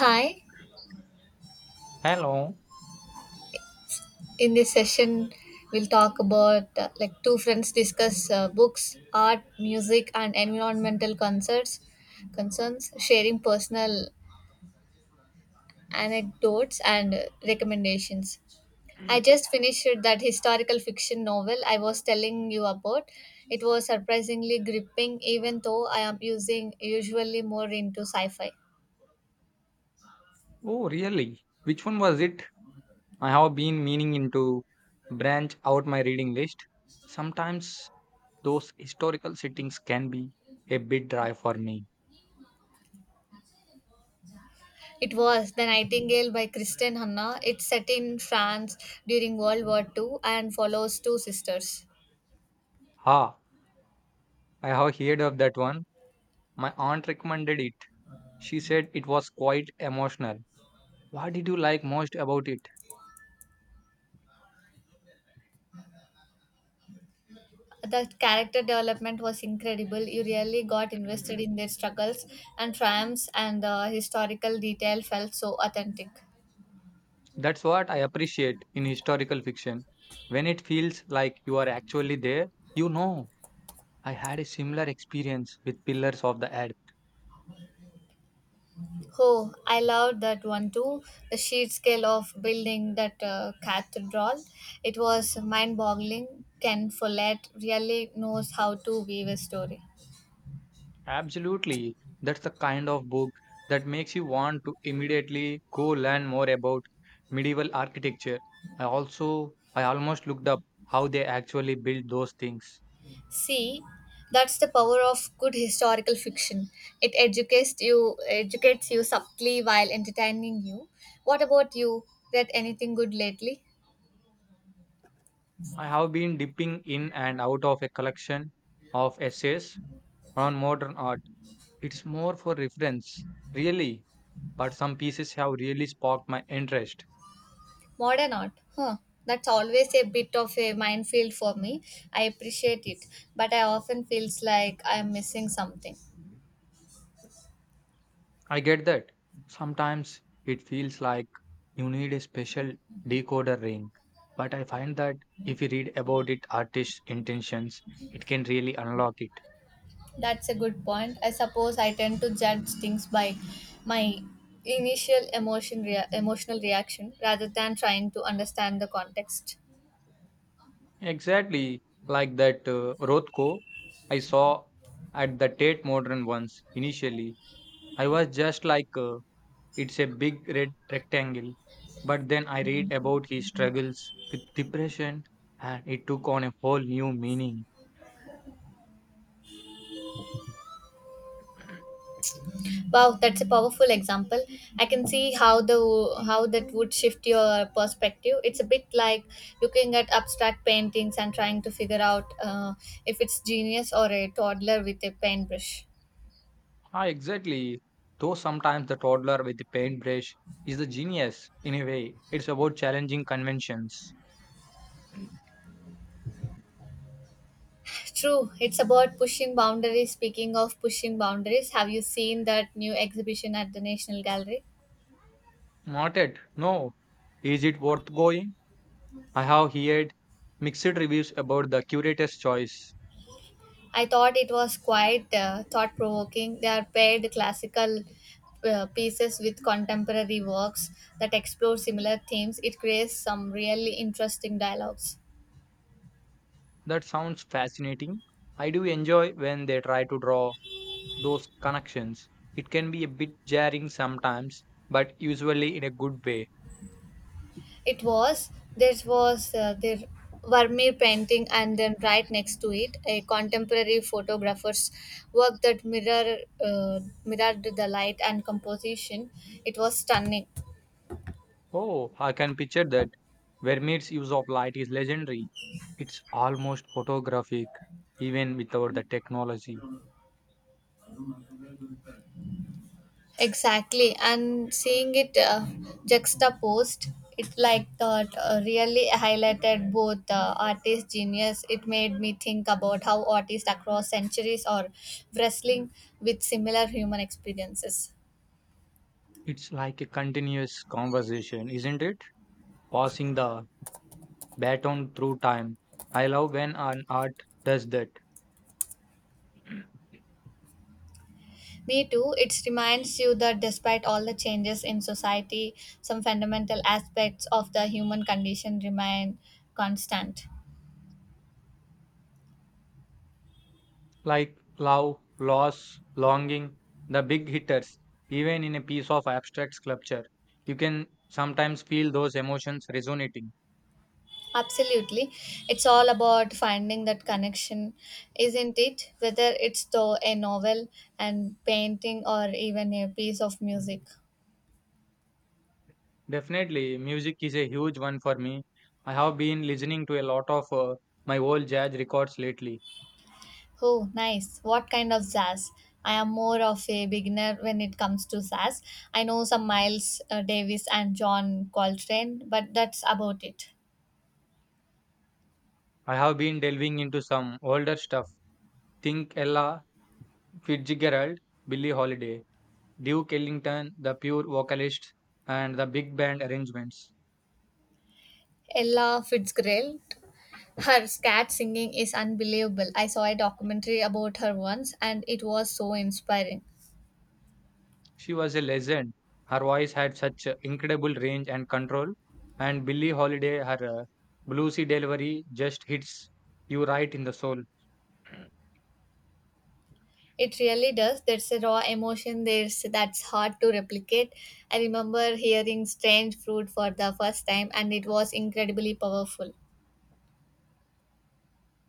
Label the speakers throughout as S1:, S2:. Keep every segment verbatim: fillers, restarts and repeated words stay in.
S1: Hi,
S2: Hello.
S1: in this session, we'll talk about uh, like two friends discuss uh, books, art, music, and environmental concerns, concerns, sharing personal anecdotes and uh, recommendations. I just finished that historical fiction novel I was telling you about. It was surprisingly gripping, even though I am using usually more into sci fi.
S2: Oh, really? Which one was it? I have been meaning into branch out my reading list. Sometimes those historical settings can be a bit dry for me.
S1: It was The Nightingale by Kristen Hanna. It's set in France during World War two and follows two sisters.
S2: Ha, I have heard of that one. My aunt recommended it. She said it was quite emotional. What did you like most about it?
S1: The character development was incredible. You really got invested in their struggles and triumphs, and the historical detail felt so authentic.
S2: That's what I appreciate in historical fiction. When it feels like you are actually there, you know. I had a similar experience with Pillars of the Earth.
S1: Oh, I loved that one too. The sheer scale of building that uh, cathedral. It was mind boggling. Ken Follett really knows how to weave a story.
S2: Absolutely. That's the kind of book that makes you want to immediately go learn more about medieval architecture. I also, I almost looked up how they actually built those things.
S1: See, that's the power of good historical fiction. It educates you, educates you subtly while entertaining you. What about you? Read anything good lately?
S2: I have been dipping in and out of a collection of essays on modern art. It's more for reference, really, but some pieces have really sparked my interest.
S1: Modern art, huh? That's always a bit of a minefield for me. I appreciate it, but I often feels like I'm missing something.
S2: I get that. Sometimes it feels like you need a special decoder ring, but I find that if you read about it artist's intentions, it can really unlock it.
S1: That's a good point. I suppose I tend to judge things by my initial emotion rea- emotional reaction rather than trying to understand the context.
S2: Exactly like that uh, Rothko I saw at the Tate Modern once. Initially, I was just like, uh, it's a big red rectangle. But then I read about his struggles with depression and it took on a whole new meaning.
S1: Wow, that's a powerful example. I can see how the how that would shift your perspective. It's a bit like looking at abstract paintings and trying to figure out uh, if it's genius or a toddler with a paintbrush.
S2: Ah, exactly. Though sometimes the toddler with the paintbrush is the genius in a way. It's about challenging conventions.
S1: True, it's about pushing boundaries. Speaking of pushing boundaries, have you seen that new exhibition at the National Gallery?
S2: Not yet. No. Is it worth going? I have heard mixed reviews about the curator's choice.
S1: I thought it was quite uh, thought provoking. They are paired classical uh, pieces with contemporary works that explore similar themes. It creates some really interesting dialogues.
S2: That sounds fascinating. I do enjoy when they try to draw those connections. It can be a bit jarring sometimes, but usually in a good way.
S1: It was, there was uh, the Vermeer painting, and then right next to it, a contemporary photographer's work that mirror, uh, mirrored the light and composition. It was stunning.
S2: Oh, I can picture that. Vermeer's use of light is legendary. It's almost photographic, even without the technology.
S1: Exactly, and seeing it uh, juxtaposed, it like that uh, really highlighted both uh, artist genius. It made me think about how artists across centuries are wrestling with similar human experiences.
S2: It's like a continuous conversation, isn't it? Passing the baton through time. I love when an art does that.
S1: Me too. It reminds you that despite all the changes in society, some fundamental aspects of the human condition remain constant.
S2: Like love, loss, longing, the big hitters, even in a piece of abstract sculpture. You can sometimes feel those emotions resonating.
S1: Absolutely. It's all about finding that connection, isn't it? Whether it's though a novel and painting or even a piece of music.
S2: Definitely, music is a huge one for me. I have been listening to a lot of uh, my old jazz records lately.
S1: Oh, nice. What kind of jazz? I am more of a beginner when it comes to jazz. I know some Miles uh, Davis and John Coltrane, but that's about it.
S2: I have been delving into some older stuff. Think Ella Fitzgerald, Billie Holiday, Duke Ellington, the pure vocalist, and the big band arrangements.
S1: Ella Fitzgerald. Her scat singing is unbelievable. I saw a documentary about her once and it was so inspiring.
S2: She was a legend. Her voice had such uh, incredible range and control, and Billie Holiday, her uh, bluesy delivery just hits you right in the soul.
S1: It really does. There's a raw emotion there's that's hard to replicate. I remember hearing strange fruit for the first time and it was incredibly powerful.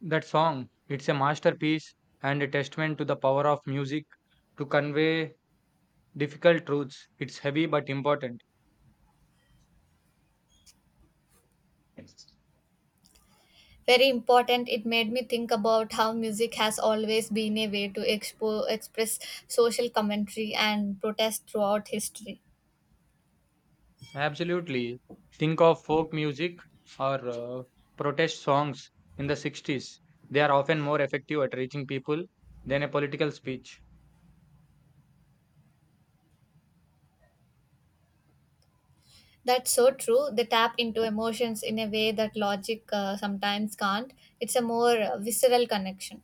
S2: That song, it's a masterpiece and a testament to the power of music to convey difficult truths. It's heavy but important.
S1: Very important, it made me think about how music has always been a way to expo- express social commentary and protest throughout history.
S2: Absolutely. Think of folk music or uh, protest songs in the sixties. They are often more effective at reaching people than a political speech.
S1: That's so true. They tap into emotions in a way that logic uh, sometimes can't. It's a more uh, visceral connection.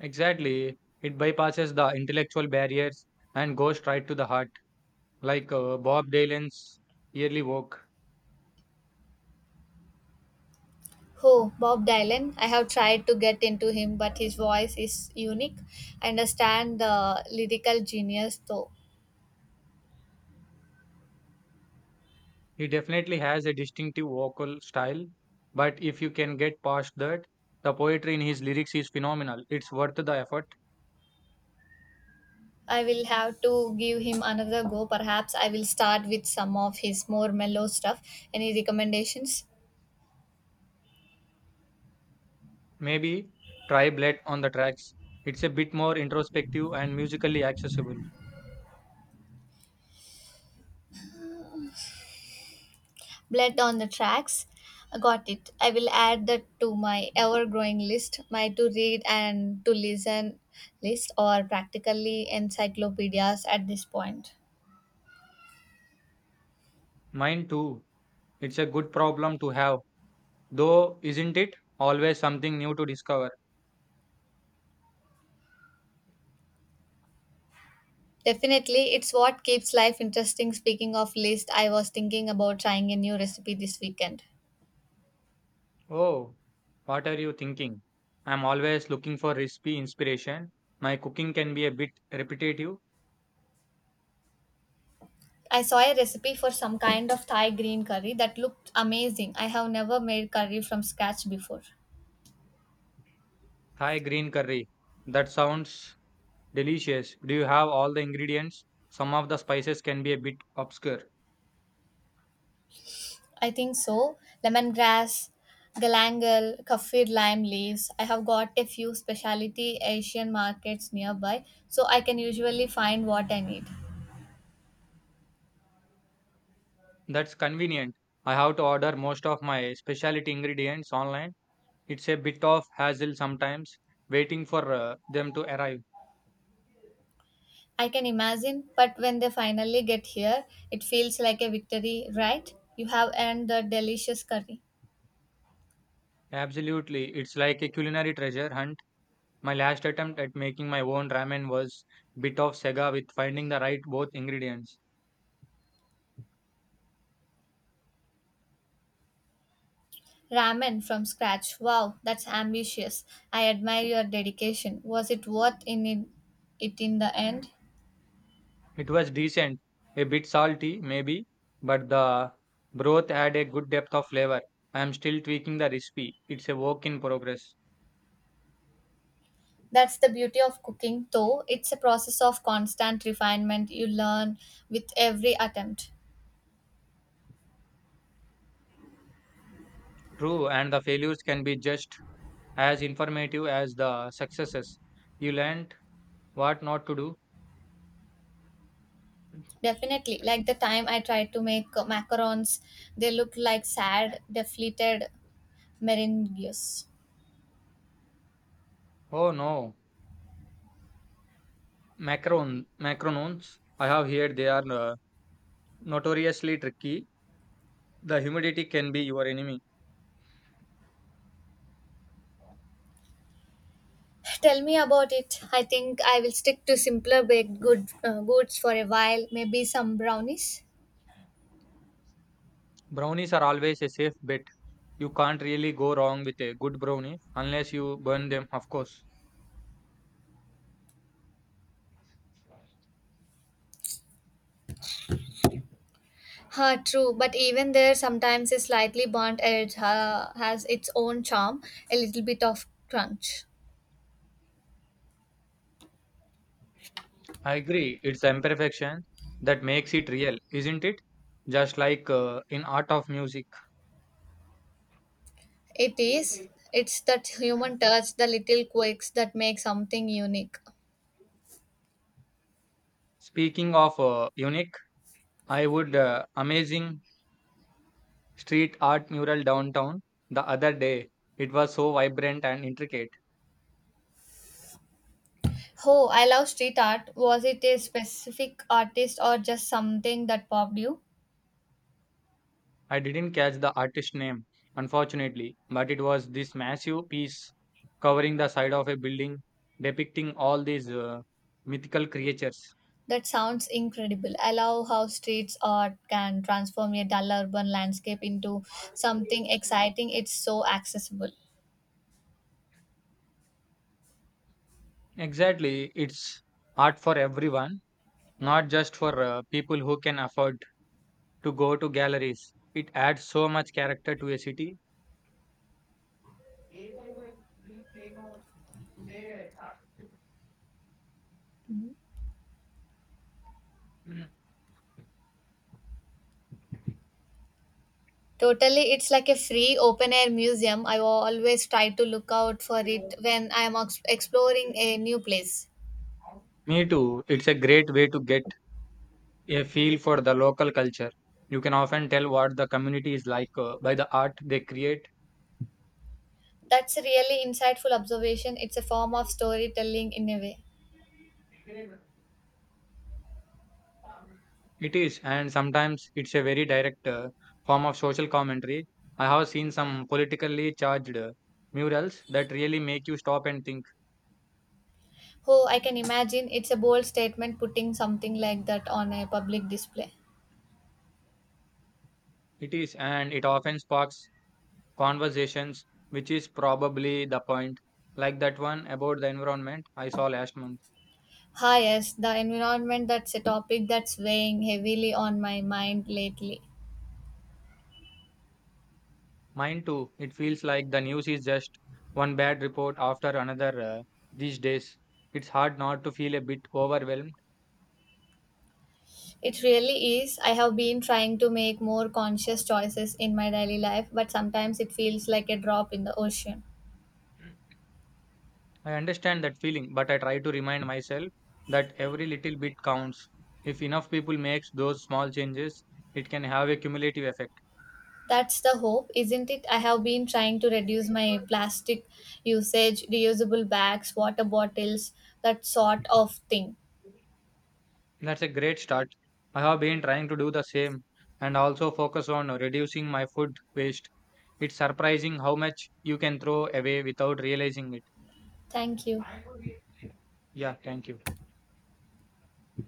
S2: Exactly. It bypasses the intellectual barriers and goes right to the heart, like uh, Bob Dylan's early work.
S1: Who? Bob Dylan. I have tried to get into him, but his voice is unique. I understand the lyrical genius, though.
S2: He definitely has a distinctive vocal style, but if you can get past that, the poetry in his lyrics is phenomenal. It's worth the effort.
S1: I will have to give him another go. Perhaps I will start with some of his more mellow stuff. Any recommendations?
S2: Maybe try Bled on the tracks. It's a bit more introspective and musically accessible.
S1: Blood on the Tracks. Got it. I will add that to my ever growing list, my to read and to listen list, or practically encyclopedias at this point.
S2: Mine too. It's a good problem to have, though, isn't it? Always something new to discover.
S1: Definitely, it's what keeps life interesting. Speaking of list, I was thinking about trying a new recipe this weekend.
S2: Oh, what are you thinking? I'm always looking for recipe inspiration. My cooking can be a bit repetitive.
S1: I saw a recipe for some kind of Thai green curry that looked amazing. I have never made curry from scratch before.
S2: Thai green curry. That sounds delicious. Do you have all the ingredients? Some of the spices can be a bit obscure.
S1: I think so. Lemongrass, galangal, kaffir lime leaves. I have got a few specialty Asian markets nearby, so I can usually find what I need.
S2: That's convenient. I have to order most of my specialty ingredients online. It's a bit of hassle sometimes, waiting for uh, them to arrive.
S1: I can imagine, but when they finally get here, it feels like a victory, right? You have earned the delicious curry.
S2: Absolutely, it's like a culinary treasure hunt. My last attempt at making my own ramen was bit of sega with finding the right both ingredients.
S1: Ramen from scratch. Wow, that's ambitious. I admire your dedication. Was it worth in in- it in the end?
S2: It was decent, a bit salty maybe, but the broth had a good depth of flavor. I am still tweaking the recipe. It's a work in progress.
S1: That's the beauty of cooking, though. It's a process of constant refinement. You learn with every attempt.
S2: True, and the failures can be just as informative as the successes. You learned what not to do.
S1: Definitely, like the time I tried to make macarons, they looked like sad, deflated meringues.
S2: Oh no, Macaron, macarons, I have heard they are uh, notoriously tricky. The humidity can be your enemy.
S1: Tell me about it. I think I will stick to simpler baked good uh, goods for a while, maybe some brownies.
S2: Brownies are always a safe bet. You can't really go wrong with a good brownie unless you burn them, of course.
S1: Ha, true, but even there, sometimes a slightly burnt edge uh, has its own charm, a little bit of crunch.
S2: I agree, it's imperfection that makes it real, isn't it? Just like uh, in art of music.
S1: It is. It's that human touch, the little quirks that make something unique.
S2: Speaking of uh, unique, I would uh, amazing street art mural downtown the other day. It was so vibrant and intricate.
S1: Oh, I love street art. Was it a specific artist or just something that popped you?
S2: I didn't catch the artist's name, unfortunately, but it was this massive piece covering the side of a building depicting all these uh, mythical creatures.
S1: That sounds incredible. I love how streets art can transform a dull urban landscape into something exciting. It's so accessible.
S2: Exactly, it's art for everyone, not just for uh, people who can afford to go to galleries. It adds so much character to a city.
S1: Totally, it's like a free open air museum. I always try to look out for it when I am ex- exploring a new place.
S2: Me too, it's a great way to get a feel for the local culture. You can often tell what the community is like uh, by the art they create.
S1: That's a really insightful observation. It's a form of storytelling in a way.
S2: It is, and sometimes it's a very direct uh, form of social commentary. I have seen some politically charged uh, murals that really make you stop and think.
S1: Oh, I can imagine it's a bold statement putting something like that on a public display.
S2: It is, and it often sparks conversations, which is probably the point, like that one about the environment I saw last month.
S1: Hi, yes, the environment that's a topic that's weighing heavily on my mind lately.
S2: Mine too. It feels like the news is just one bad report after another uh, these days. It's hard not to feel a bit overwhelmed.
S1: It really is. I have been trying to make more conscious choices in my daily life, but sometimes it feels like a drop in the ocean.
S2: I understand that feeling, but I try to remind myself that every little bit counts. If enough people makes those small changes, it can have a cumulative effect.
S1: That's the hope, isn't it? I have been trying to reduce my plastic usage, reusable bags, water bottles, that sort of thing.
S2: That's a great start. I have been trying to do the same and also focus on reducing my food waste. It's surprising how much you can throw away without realizing it.
S1: Thank you.
S2: Yeah, thank you.